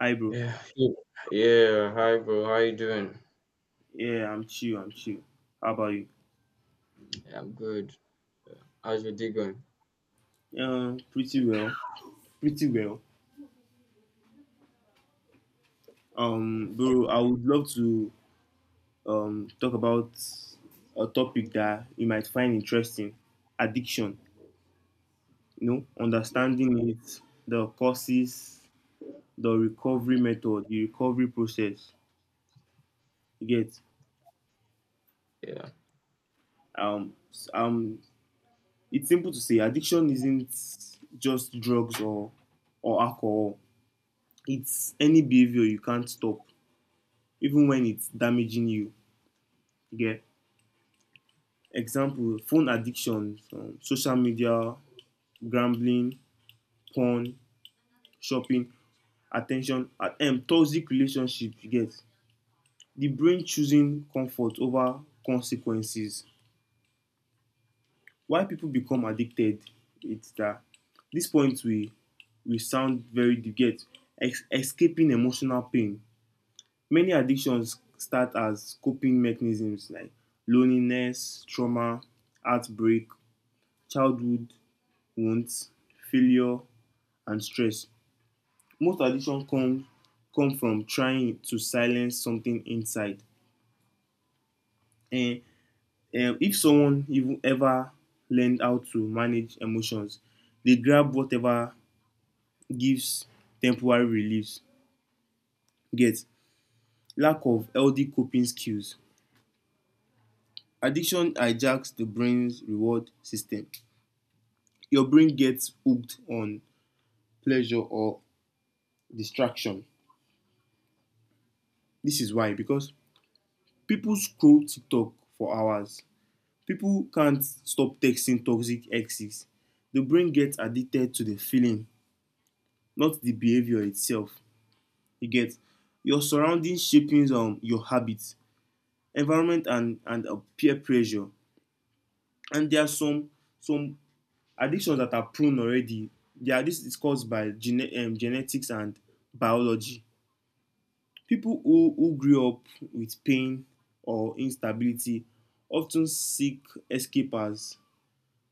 Hi, bro. Yeah, yeah, yeah. Hi, bro. How you doing? Yeah, I'm chill. I'm chill. How about you? Yeah, I'm good. How's your day going? Pretty well. Pretty well. Bro, I would love to talk about a topic that you might find interesting: addiction. You know, understanding it, the causes, the recovery method, the recovery process. You get Yeah. um s- um. It's simple to say addiction isn't just drugs or alcohol. It's any behavior you can't stop even when it's damaging you. Yeah. Example phone addiction, social media, gambling, porn, shopping, attention, toxic relationship. You get the brain choosing comfort over consequences. Why people become addicted? It's that this point we sound very deep. Get escaping emotional pain. Many addictions start as coping mechanisms like loneliness, trauma, heartbreak, childhood wounds, failure and stress. Most addiction come from trying to silence something inside. And if someone even ever learned how to manage emotions, they grab whatever gives temporary relief. Get? Lack of healthy coping skills. Addiction hijacks the brain's reward system. Your brain gets hooked on pleasure or distraction. This is why because people scroll TikTok for hours. People can't stop texting toxic exes. The brain gets addicted to the feeling, not the behavior itself. You get your surroundings shaping your habits, environment and peer pressure. And there are some addictions that are prone already. There are, this is caused by genetics and biology. People who grew up with pain or instability often seek escape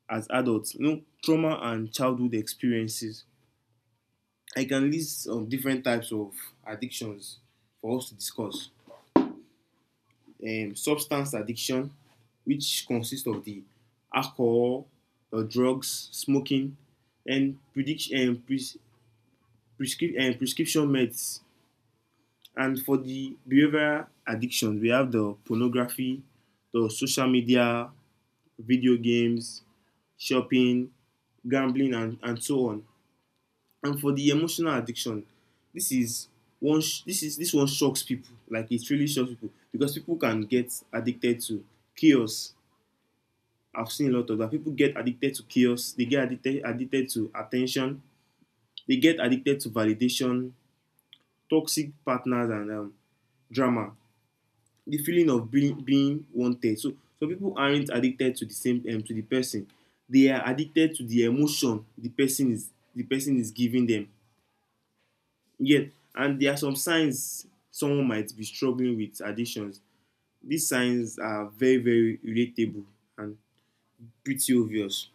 as adults. You know, trauma and childhood experiences. I can list different types of addictions for us to discuss. Substance addiction, which consists of the alcohol, drugs, smoking, and prediction and pres- prescri- and prescription meds. And for the behavioral addictions, we have the pornography, the social media, video games, shopping, gambling, and so on. And for the emotional addiction, this is this one shocks people. Like, it really shocks people because people can get addicted to chaos. I've seen a lot of that. People get addicted to chaos, they get addicted to attention, they get addicted to validation, toxic partners and drama, the feeling of being wanted. So people aren't addicted to the same, to the person, they are addicted to the emotion the person is, giving them. Yes, and there are some signs someone might be struggling with addictions. These signs are very, very relatable and pretty obvious.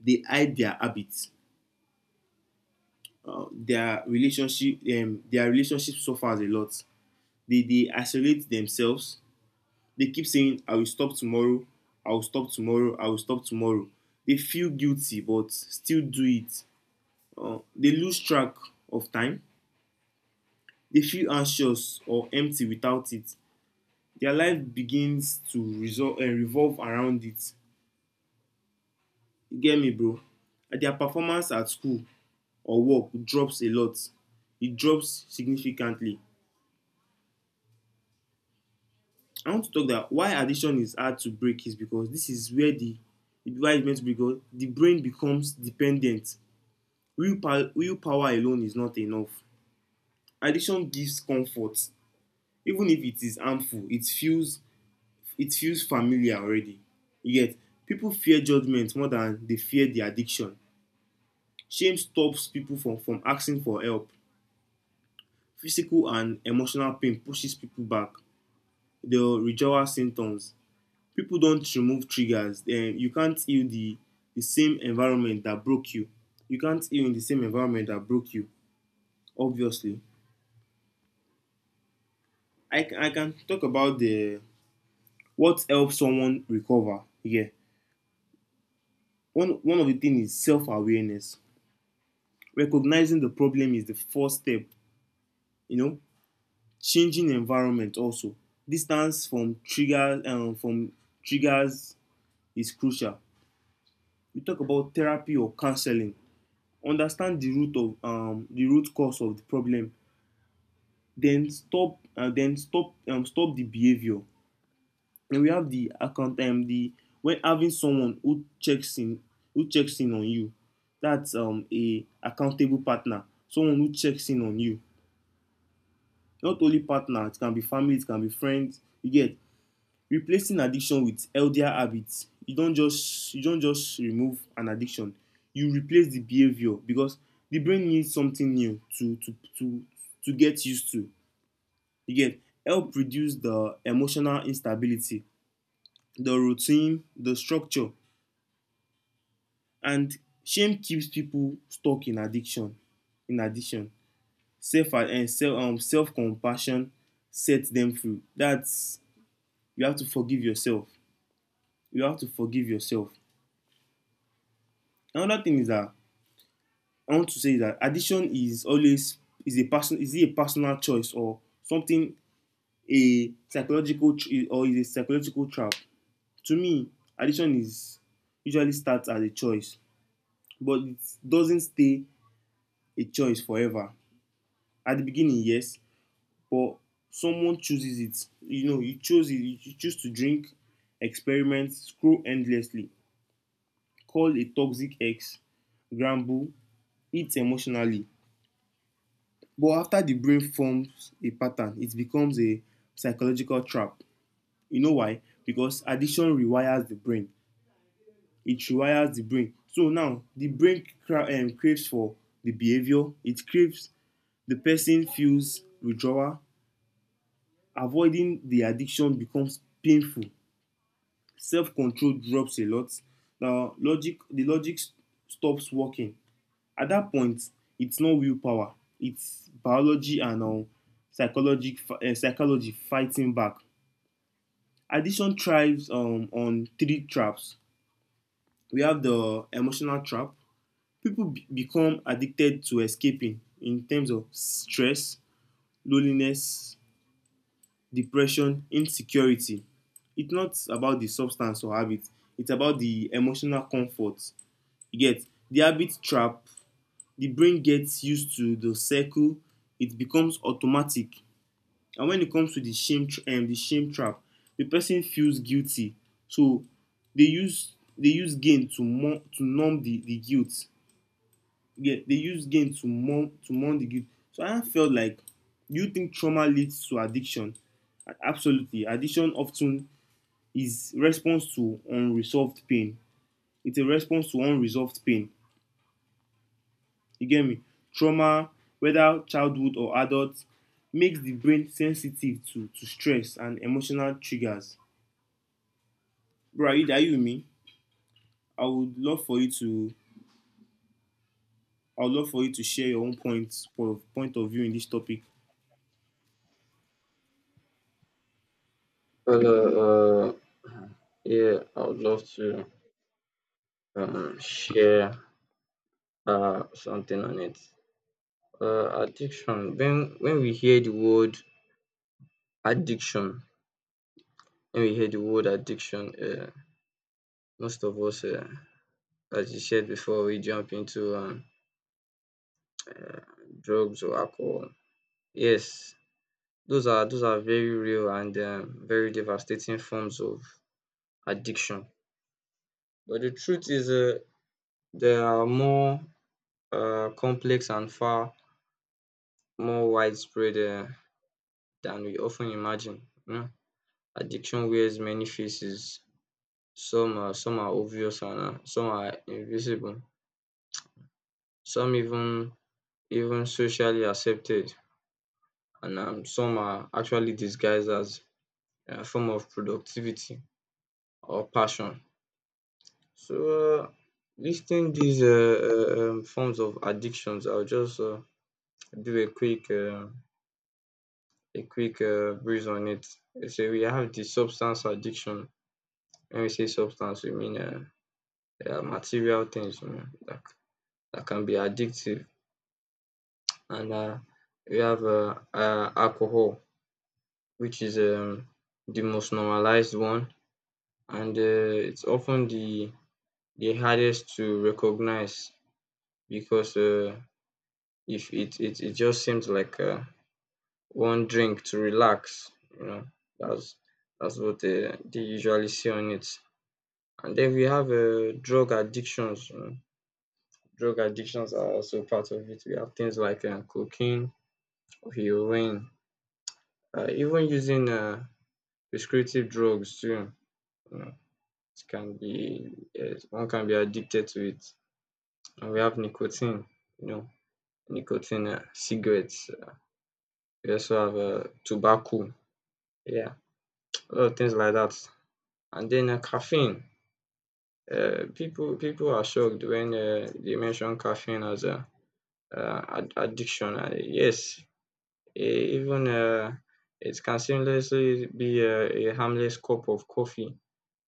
They hide their habits. Their relationship suffers a lot. They isolate themselves. They keep saying, "I will stop tomorrow. I will stop tomorrow. I will stop tomorrow." They feel guilty but still do it. They lose track of time. They feel anxious or empty without it. Their life begins to revolve around it. You get me, bro? And their performance at school or work drops a lot. It drops significantly. I want to talk that why addiction is hard to break is because this is where the why it's meant to be, because the brain becomes dependent. Willpower alone is not enough. Addiction gives comfort. Even if it is harmful, it feels familiar already. You get people fear judgment more than they fear the addiction. Shame stops people from asking for help. Physical and emotional pain pushes people back. There are withdrawal symptoms. People don't remove triggers. Then you can't heal the same environment that broke you. You can't heal in the same environment that broke you, obviously. I can talk about the what helps someone recover. Yeah. One of the things is self awareness. Recognizing the problem is the first step, you know. Changing environment also, distance from triggers is crucial. We talk about therapy or counseling, understand the root of the root cause of the problem, then stop the behavior. And we have the when having someone who checks in on you. That's a accountable partner, someone who checks in on you. Not only partner, it can be family, it can be friends. You get replacing addiction with healthier habits. You don't just remove an addiction, you replace the behaviour because the brain needs something new to get used to. You get help reduce the emotional instability, the routine, the structure. And shame keeps people stuck in addiction. Self and self Self compassion sets them free. That's, you have to forgive yourself. You have to forgive yourself. Another thing is that I want to say that addiction is always is a person is it a personal choice or something, a psychological or is a psychological trap. To me, addiction is usually starts as a choice, but it doesn't stay a choice forever. At the beginning, yes, but someone chooses it. You know, you choose it. You choose to drink, experiment, scroll endlessly, call a toxic ex, gamble, eat emotionally. But after the brain forms a pattern, it becomes a psychological trap. You know why? Because addiction rewires the brain. It rewires the brain. So now the brain craves for the behavior, it craves, the person feels withdrawal. Avoiding the addiction becomes painful. Self control drops a lot. Now, logic stops working. At that point, it's not willpower, it's biology and psychology fighting back. Addiction thrives on three traps. We have the emotional trap. People become addicted to escaping in terms of stress, loneliness, depression, insecurity. It's not about the substance or habit, it's about the emotional comfort. You get the habit trap. The brain gets used to the circle, it becomes automatic. And when it comes to the the shame trap, the person feels guilty, so they use gain to mourn to numb the guilt. Yeah, they use gain to mourn the guilt. So I felt like, do you think trauma leads to addiction? Absolutely. Addiction often is response to unresolved pain. It's a response to unresolved pain. You get me? Trauma, whether childhood or adult, makes the brain sensitive to stress and emotional triggers. Bro, are you with me? i would love for you to I would love for you to share your own point of view in this topic. Well, uh, uh, yeah. I would love to share something on it. Addiction. When we hear the word addiction, when we hear the word addiction, most of us, as you said before, we jump into drugs or alcohol. Yes, those are very real and very devastating forms of addiction. But the truth is, they are more complex and far more widespread than we often imagine. You know, addiction wears many faces. Some are obvious and some are invisible. Some even socially accepted, and some are actually disguised as a form of productivity or passion. So, listing these forms of addictions, I'll just do a quick. A quick breeze on it. So we have the substance addiction. When we say substance, we mean material things, you know, that can be addictive. And we have alcohol, which is the most normalized one, and it's often the hardest to recognize because if it, it, it just seems like one drink to relax, you know, that's that's what they usually see on it. And then we have drug addictions, you know. Drug addictions are also part of it. We have things like cocaine, heroin, even using prescriptive drugs too. You know, it can be, yes, one can be addicted to it. And we have nicotine. You know, nicotine, cigarettes. We also have tobacco. Yeah, a lot of things like that. And then caffeine. People are shocked when they mention caffeine as a addiction. Yes, even it can seamlessly be a harmless cup of coffee,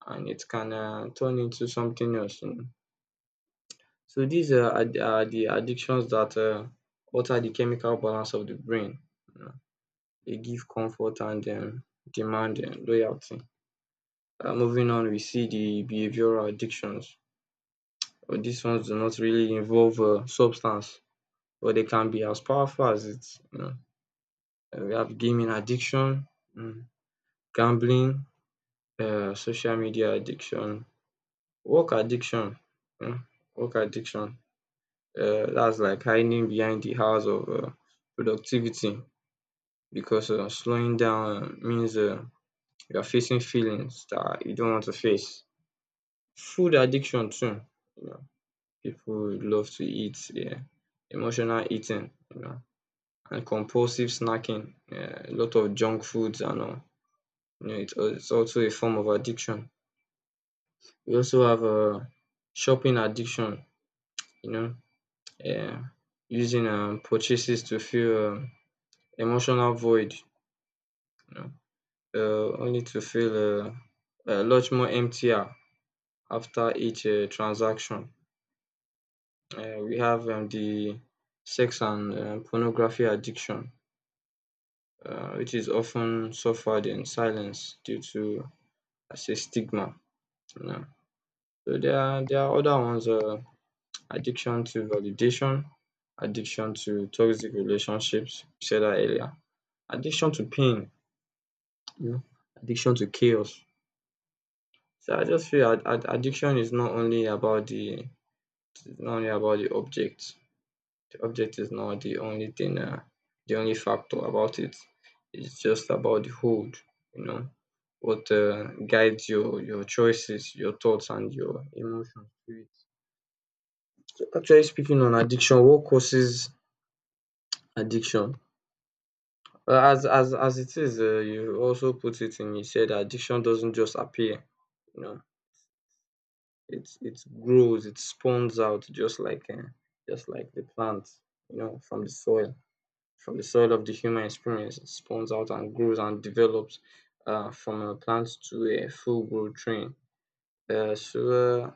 and it can turn into something else, you know. So these are the addictions that alter the chemical balance of the brain, you know. They give comfort and demand loyalty. Moving on, we see the behavioral addictions. But these ones do not really involve substance, but they can be as powerful as it, you know. We have gaming addiction, mm, gambling, social media addiction, work addiction, mm, work addiction. That's like hiding behind the house of productivity because slowing down means you are facing feelings that you don't want to face. Food addiction too. You know, people love to eat. Yeah, emotional eating, you know, and compulsive snacking. Yeah, a lot of junk foods and all. You know, it's also a form of addiction. We also have a shopping addiction. You know, uh, using purchases to fill emotional void. You know, only to feel a lot more emptier after each transaction. We have the sex and pornography addiction, which is often suffered in silence due to as a stigma, you know. So there are other ones. Addiction to validation, addiction to toxic relationships. You said that earlier. Addiction to pain, you know, addiction to chaos. So I just feel addiction is not only about the it's not only about the object. The object is not the only thing, the only factor about it. It's just about the hold, you know, what guides your choices, your thoughts, and your emotions to it. So actually, speaking on addiction, what causes addiction? Well, as it is, you also put it in. You said addiction doesn't just appear. You know, it grows, it spawns out just like the plant. You know, from the soil of the human experience, it spawns out and grows and develops from a plant to a full-grown tree. So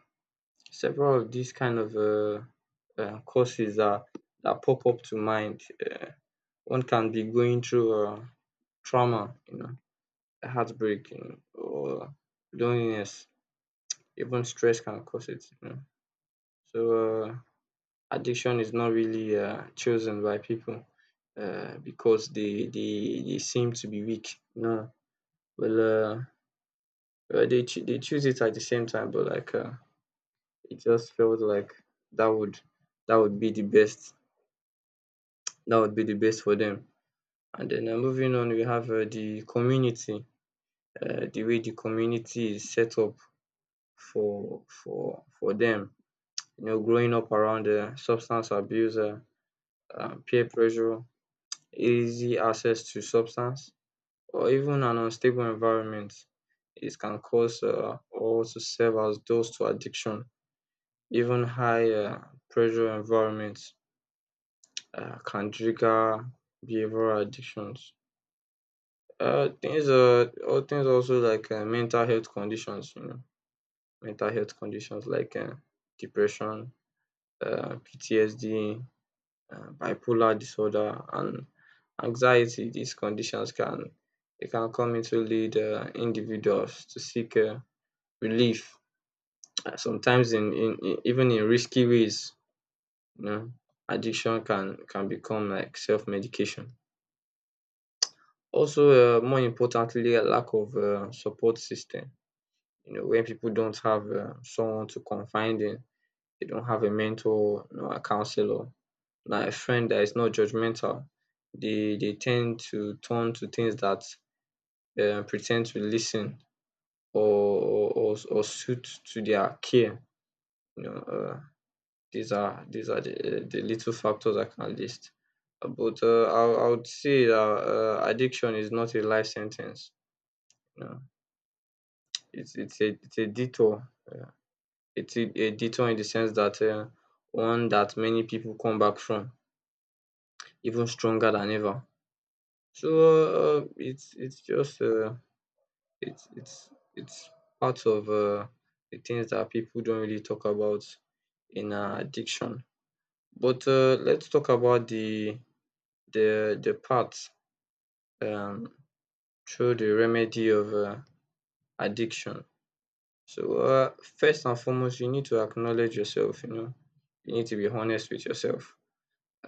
several of these kind of courses that that pop up to mind. One can be going through trauma, you know, heartbreaking or loneliness, even stress can cause it, you know? So addiction is not really chosen by people because they seem to be weak. No, well, uh, well they choose it at the same time, but like it just felt like that would that would be the best. That would be the best for them. And then moving on, we have the community. The way the community is set up for them, you know, growing up around substance abuse, peer pressure, easy access to substance, or even an unstable environment, it can cause or to serve as doors to addiction. Even high pressure environments can trigger behavioral addictions. Things all things also like mental health conditions, you know, mental health conditions like depression, PTSD, bipolar disorder, and anxiety. These conditions can come into lead individuals to seek relief. Sometimes in even in risky ways, you know, addiction can become like self medication. Also, more importantly, a lack of support system. You know, when people don't have someone to confide in, they don't have a mentor, you know, a counselor, like a friend that is not judgmental, they tend to turn to things that pretend to listen or suit to their care. You know, these are the little factors I can list. But uh, I would say that addiction is not a life sentence. You know, it's a detour. It's a detour in the sense that one that many people come back from even stronger than ever. So it's just it's it's it's part of the things that people don't really talk about in addiction. But let's talk about the part um, through the remedy of addiction. So first and foremost, you need to acknowledge yourself. You know, you need to be honest with yourself.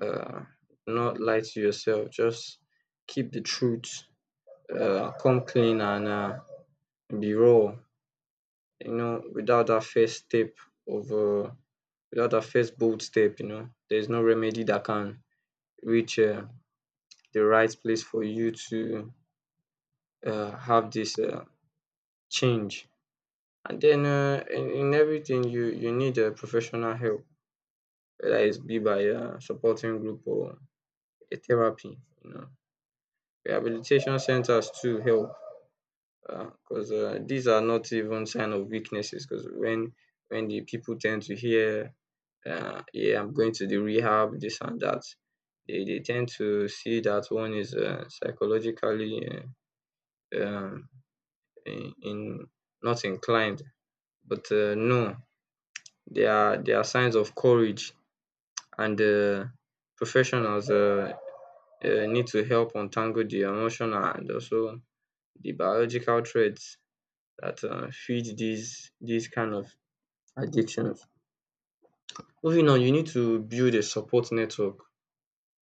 Uh, Not lie to yourself. Just keep the truth, come clean and be raw, you know, without that first step of, without that first bold step, you know, there's no remedy that can reach the right place for you to have this change. And then in everything, you need professional help, whether it's be by a supporting group or a therapy, you know. Rehabilitation centers too help because these are not even sign of weaknesses because when the people tend to hear, yeah, I'm going to the rehab, this and that, they tend to see that one is psychologically uh, um, in not inclined, but no, they are signs of courage. And professionals need to help untangle the emotional and also the biological traits that feed these kind of addictions. Moving on, you need to build a support network.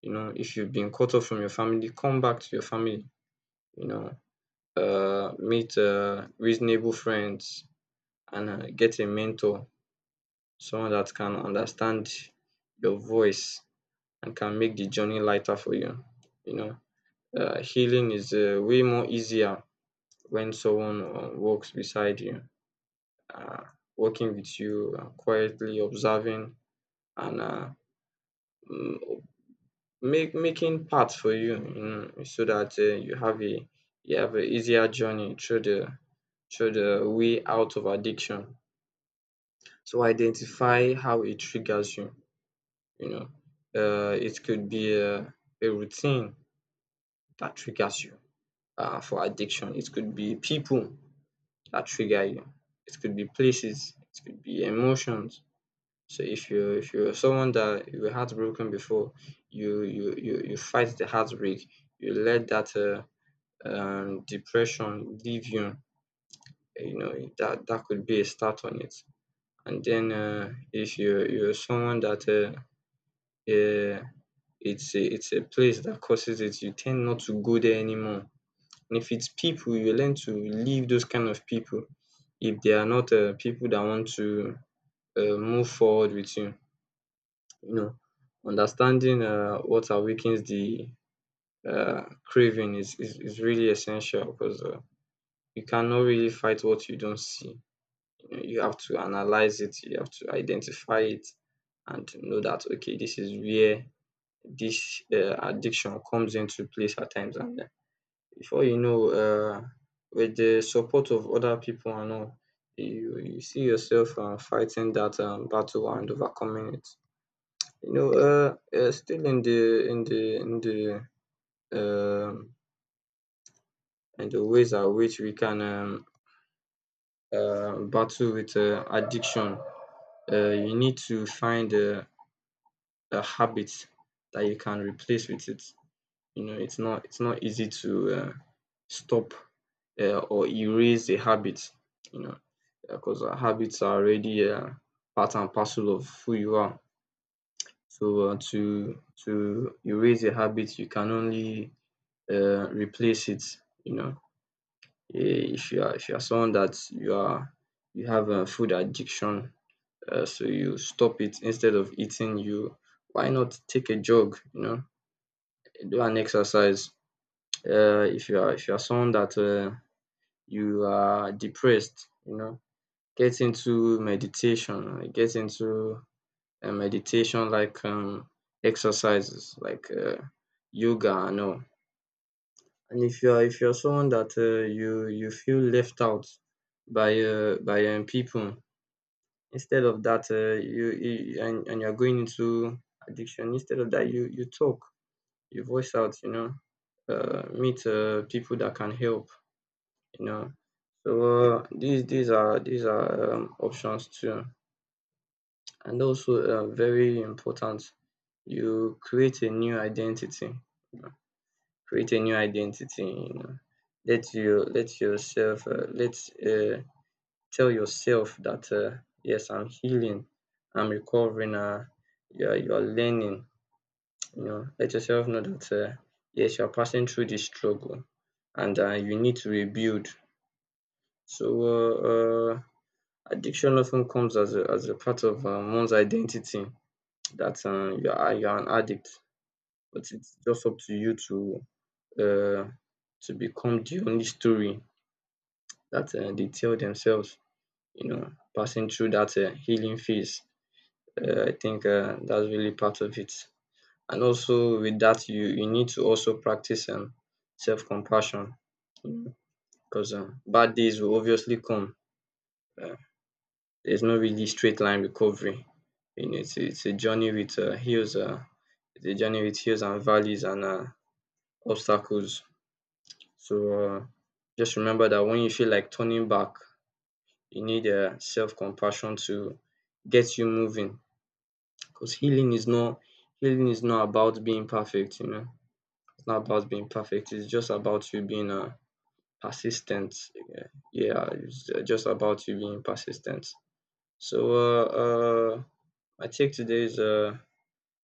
You know, if you've been cut off from your family, come back to your family. You know, meet reasonable friends and get a mentor, someone that can understand your voice and can make the journey lighter for you. You know, healing is way more easier when someone walks beside you, uh, walking with you, quietly observing and mm, make making path for you, you know, so that you have a easier journey through the way out of addiction. So identify how it triggers you. You know, it could be a routine that triggers you for addiction. It could be people that trigger you. It could be places. It could be emotions. So if you if you're someone that you were heartbroken before, you fight the heartbreak. You let that depression leave you, you know, that that could be a start on it. And then if you you're someone that uh, it's a place that causes it, you tend not to go there anymore. And if it's people, you learn to leave those kind of people if they are not people that want to move forward with you. You know, understanding what awakens the craving is really essential because you cannot really fight what you don't see. You have to analyze it, you have to identify it and know that okay, this is where this addiction comes into place at times. And Before you know, with the support of other people and all, you see yourself fighting that battle and overcoming it. Still um, in the ways at which we can battle with addiction, you need to find a habit that you can replace with it. You know, it's not easy to stop or erase a habit. You know, because habits are already part and parcel of who you are. So to erase a habit, you can only replace it. You know, if you are someone that you have a food addiction, so you stop it instead of eating. You Why not take a jog? You know, do an exercise. If you are someone that you are depressed, you know, get into meditation, like get into a meditation, like exercises like yoga and all. And if you are someone that you feel left out by pipu, instead of that, you you and you are going into addiction, instead of that you talk, you voice out, you know, meet pipu dat can help. You know. So these are options too, and also very important. You create a new identity. You know, create a new identity. You know, let yourself let uh, tell yourself that yes, I'm healing, I'm recovering. You are learning. You know, let yourself know that yes, you are passing through this struggle, and you need to rebuild. So addiction often comes as a part of one's identity, that you are an addict, but it's just up to you uh, to become the only story that they tell themselves. You know, passing through that healing phase, I think that's really part of it. And also with that, you need to also practice self compassion, because bad days will obviously come. There's no really straight line recovery. You know, it's a journey with it's a journey with hills and valleys and obstacles. So just remember that when you feel like turning back, you need self compassion to get you moving. Because healing is not about being perfect. You know, it's not about being perfect. It's just about you being persistent. Yeah, yeah, it's just about you being persistent. So, uh, my take today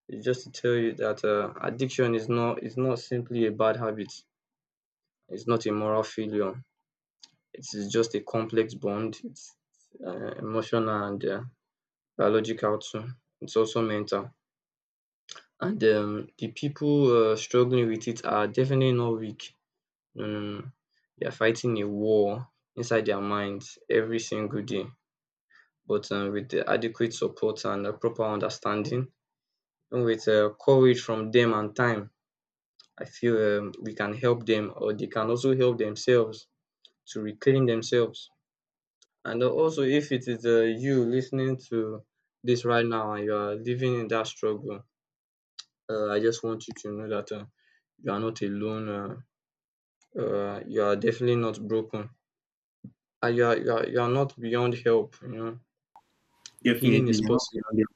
is just to tell you that addiction is not simply a bad habit. It's not a moral failure. It is just a complex bond. It's emotional and biological too. It's also mental. And the people struggling with it are definitely not weak. No, no, no. They are fighting a war inside their minds every single day. But with the adequate support and a proper understanding, with courage from them and time, I feel we can help them, or they can also help themselves to reclaim themselves. And also, if it is you listening to this right now and you are living in that struggle, I just want you to know that you are not alone, you are definitely not broken, and you are not beyond help, you know. Your healing Definitely. is You're not possible, beyond it.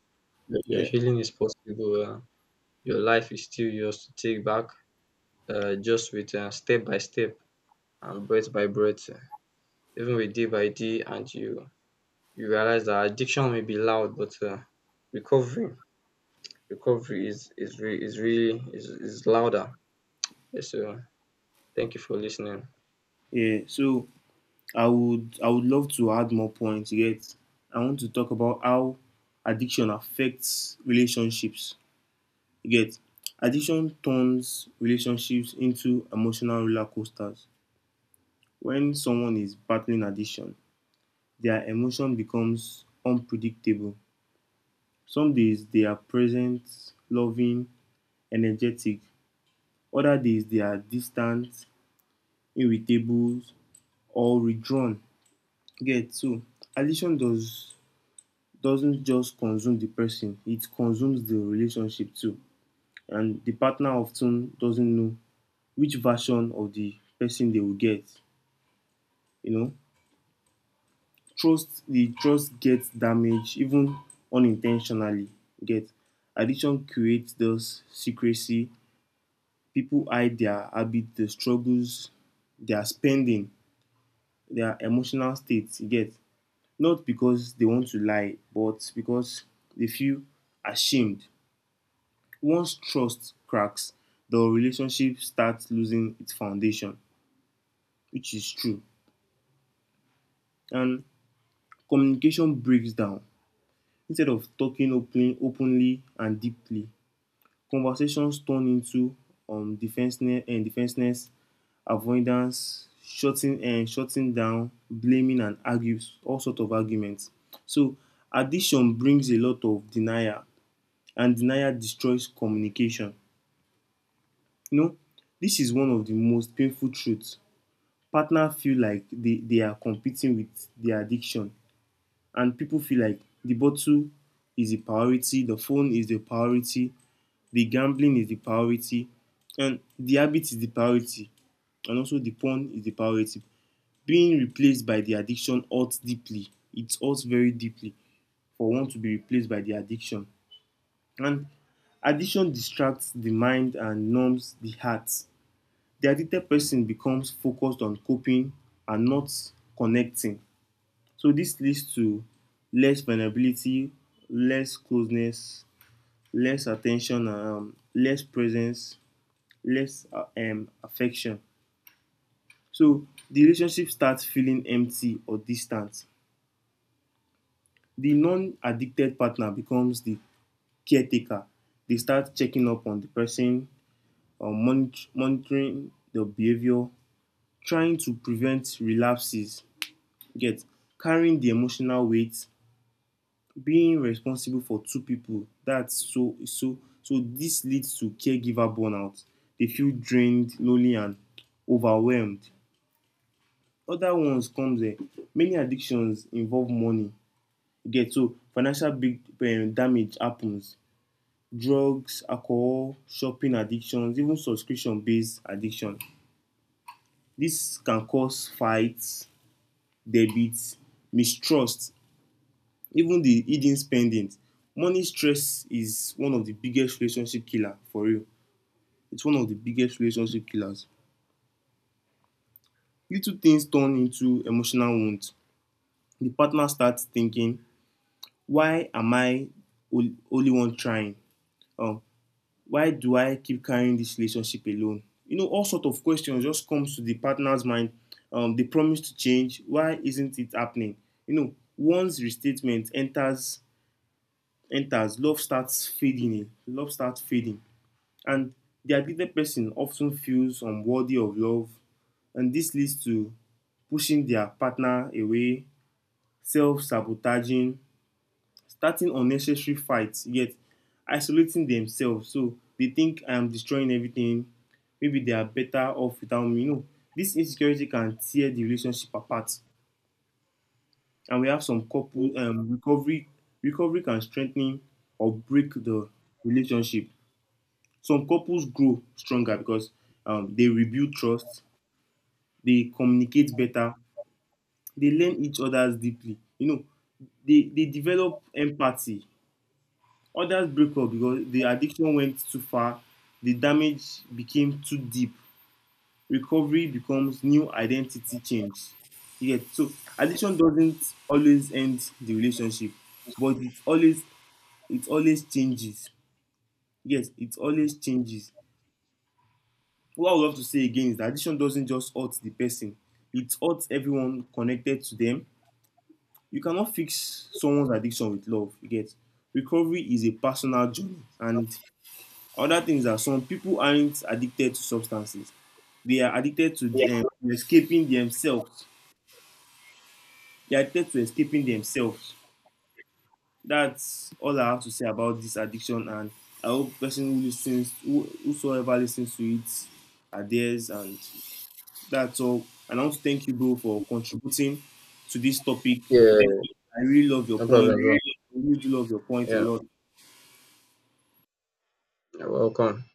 your Yeah. healing is possible, Your life is still yours to take back, just with step by step, and breath by breath, even with day by day, and you realize that addiction may be loud, but recovery recovery is re- is really is louder. Yes, so thank you for listening. Yeah, so I would love to add more points. You get, I want to talk about how addiction affects relationships. You get addiction turns relationships into emotional roller coasters. When someone is battling addiction, their emotion becomes unpredictable. Some days they are present, loving, energetic. Other days they are distant, irritable, or withdrawn. Get so addiction does doesn't just consume the person; it consumes the relationship too. And the partner often doesn't know which version of the person they will get. You know, trust gets damaged, even unintentionally. You get. Addiction creates those secrecy, people hide their habit, their struggles, their spending, their emotional states. You get. Not because they want to lie but because they feel ashamed. Once trust cracks, the relationship starts losing its foundation, which is true. And communication breaks down. Instead of talking openly and deeply, conversations turn into defensiveness, avoidance, shutting down, blaming, and argues all sort of arguments. So addiction brings a lot of denial, and denial destroys communication. You know, this is one of the most painful truths. Partners feel like they are competing with their addiction, and people feel like the bottle is a priority, the phone is the priority, the gambling is the priority, and the habit is the priority, and also the porn is the priority. Being replaced by the addiction hurts deeply. It hurts very deeply for one to be replaced by the addiction. And addiction distracts the mind and numbs the heart. The addicted person becomes focused on coping and not connecting. So this leads to less vulnerability, less closeness, less attention and less presence, less affection. So the relationship starts feeling empty or distant. The non addicted partner becomes the caretaker. They start checking up on the person, or monitoring their behavior, trying to prevent relapses. Get carrying the emotional weight, being responsible for two people. That's so so so. This leads to caregiver burnout. They feel drained, lonely, and overwhelmed. Other ones comes many addictions involve money. You get so financial big damage happens. Drugs, alcohol, shopping addictions, even subscription based addiction. This can cause fights, debit, mistrust, even the hidden spendings. Money stress is one of the biggest relationship killer, for real. It's one of the biggest relationship killers. Little things turn into emotional wound. The partner starts thinking, why am I only one trying? Um, why do I keep carrying this relationship alone? You know, all sorts of questions just comes to the partner's mind. They promise to change. Why isn't it happening? You know, once restatement enters, love starts fading. In. Love starts fading, and the aggrieved person often feels unworthy of love, and this leads to pushing their partner away, self-sabotaging, starting unnecessary fights, yet isolating themselves. So they think, I am destroying everything, maybe they are better off without me. You know, this insecurity can tear the relationship apart. And we have some couple recovery. Recovery can strengthen or break the relationship. Some couples grow stronger because they rebuild trust, they communicate better, they learn each other's deeply, you know, they develop empathy. Others break up because the addiction went too far, the damage became too deep. Recovery becomes new identity change. You get so addiction doesn't always end the relationship, but it always changes. Yes, it always changes. What I would love to say again is that addiction doesn't just hurt the person, it hurts everyone connected to them. You cannot fix someone's addiction with love. You get recovery is a personal journey. And other things are some people aren't addicted to substances. They are addicted to escaping themselves. They are addicted to escaping themselves. That's all I have to say about this addiction. And I hope person who listens, whosoever listens to it, adheres, and that's all. And I want to thank you, bro, for contributing to this topic. Yeah, I really love your no point. problem, bro. I really do love your point a Yeah, lot. you're welcome.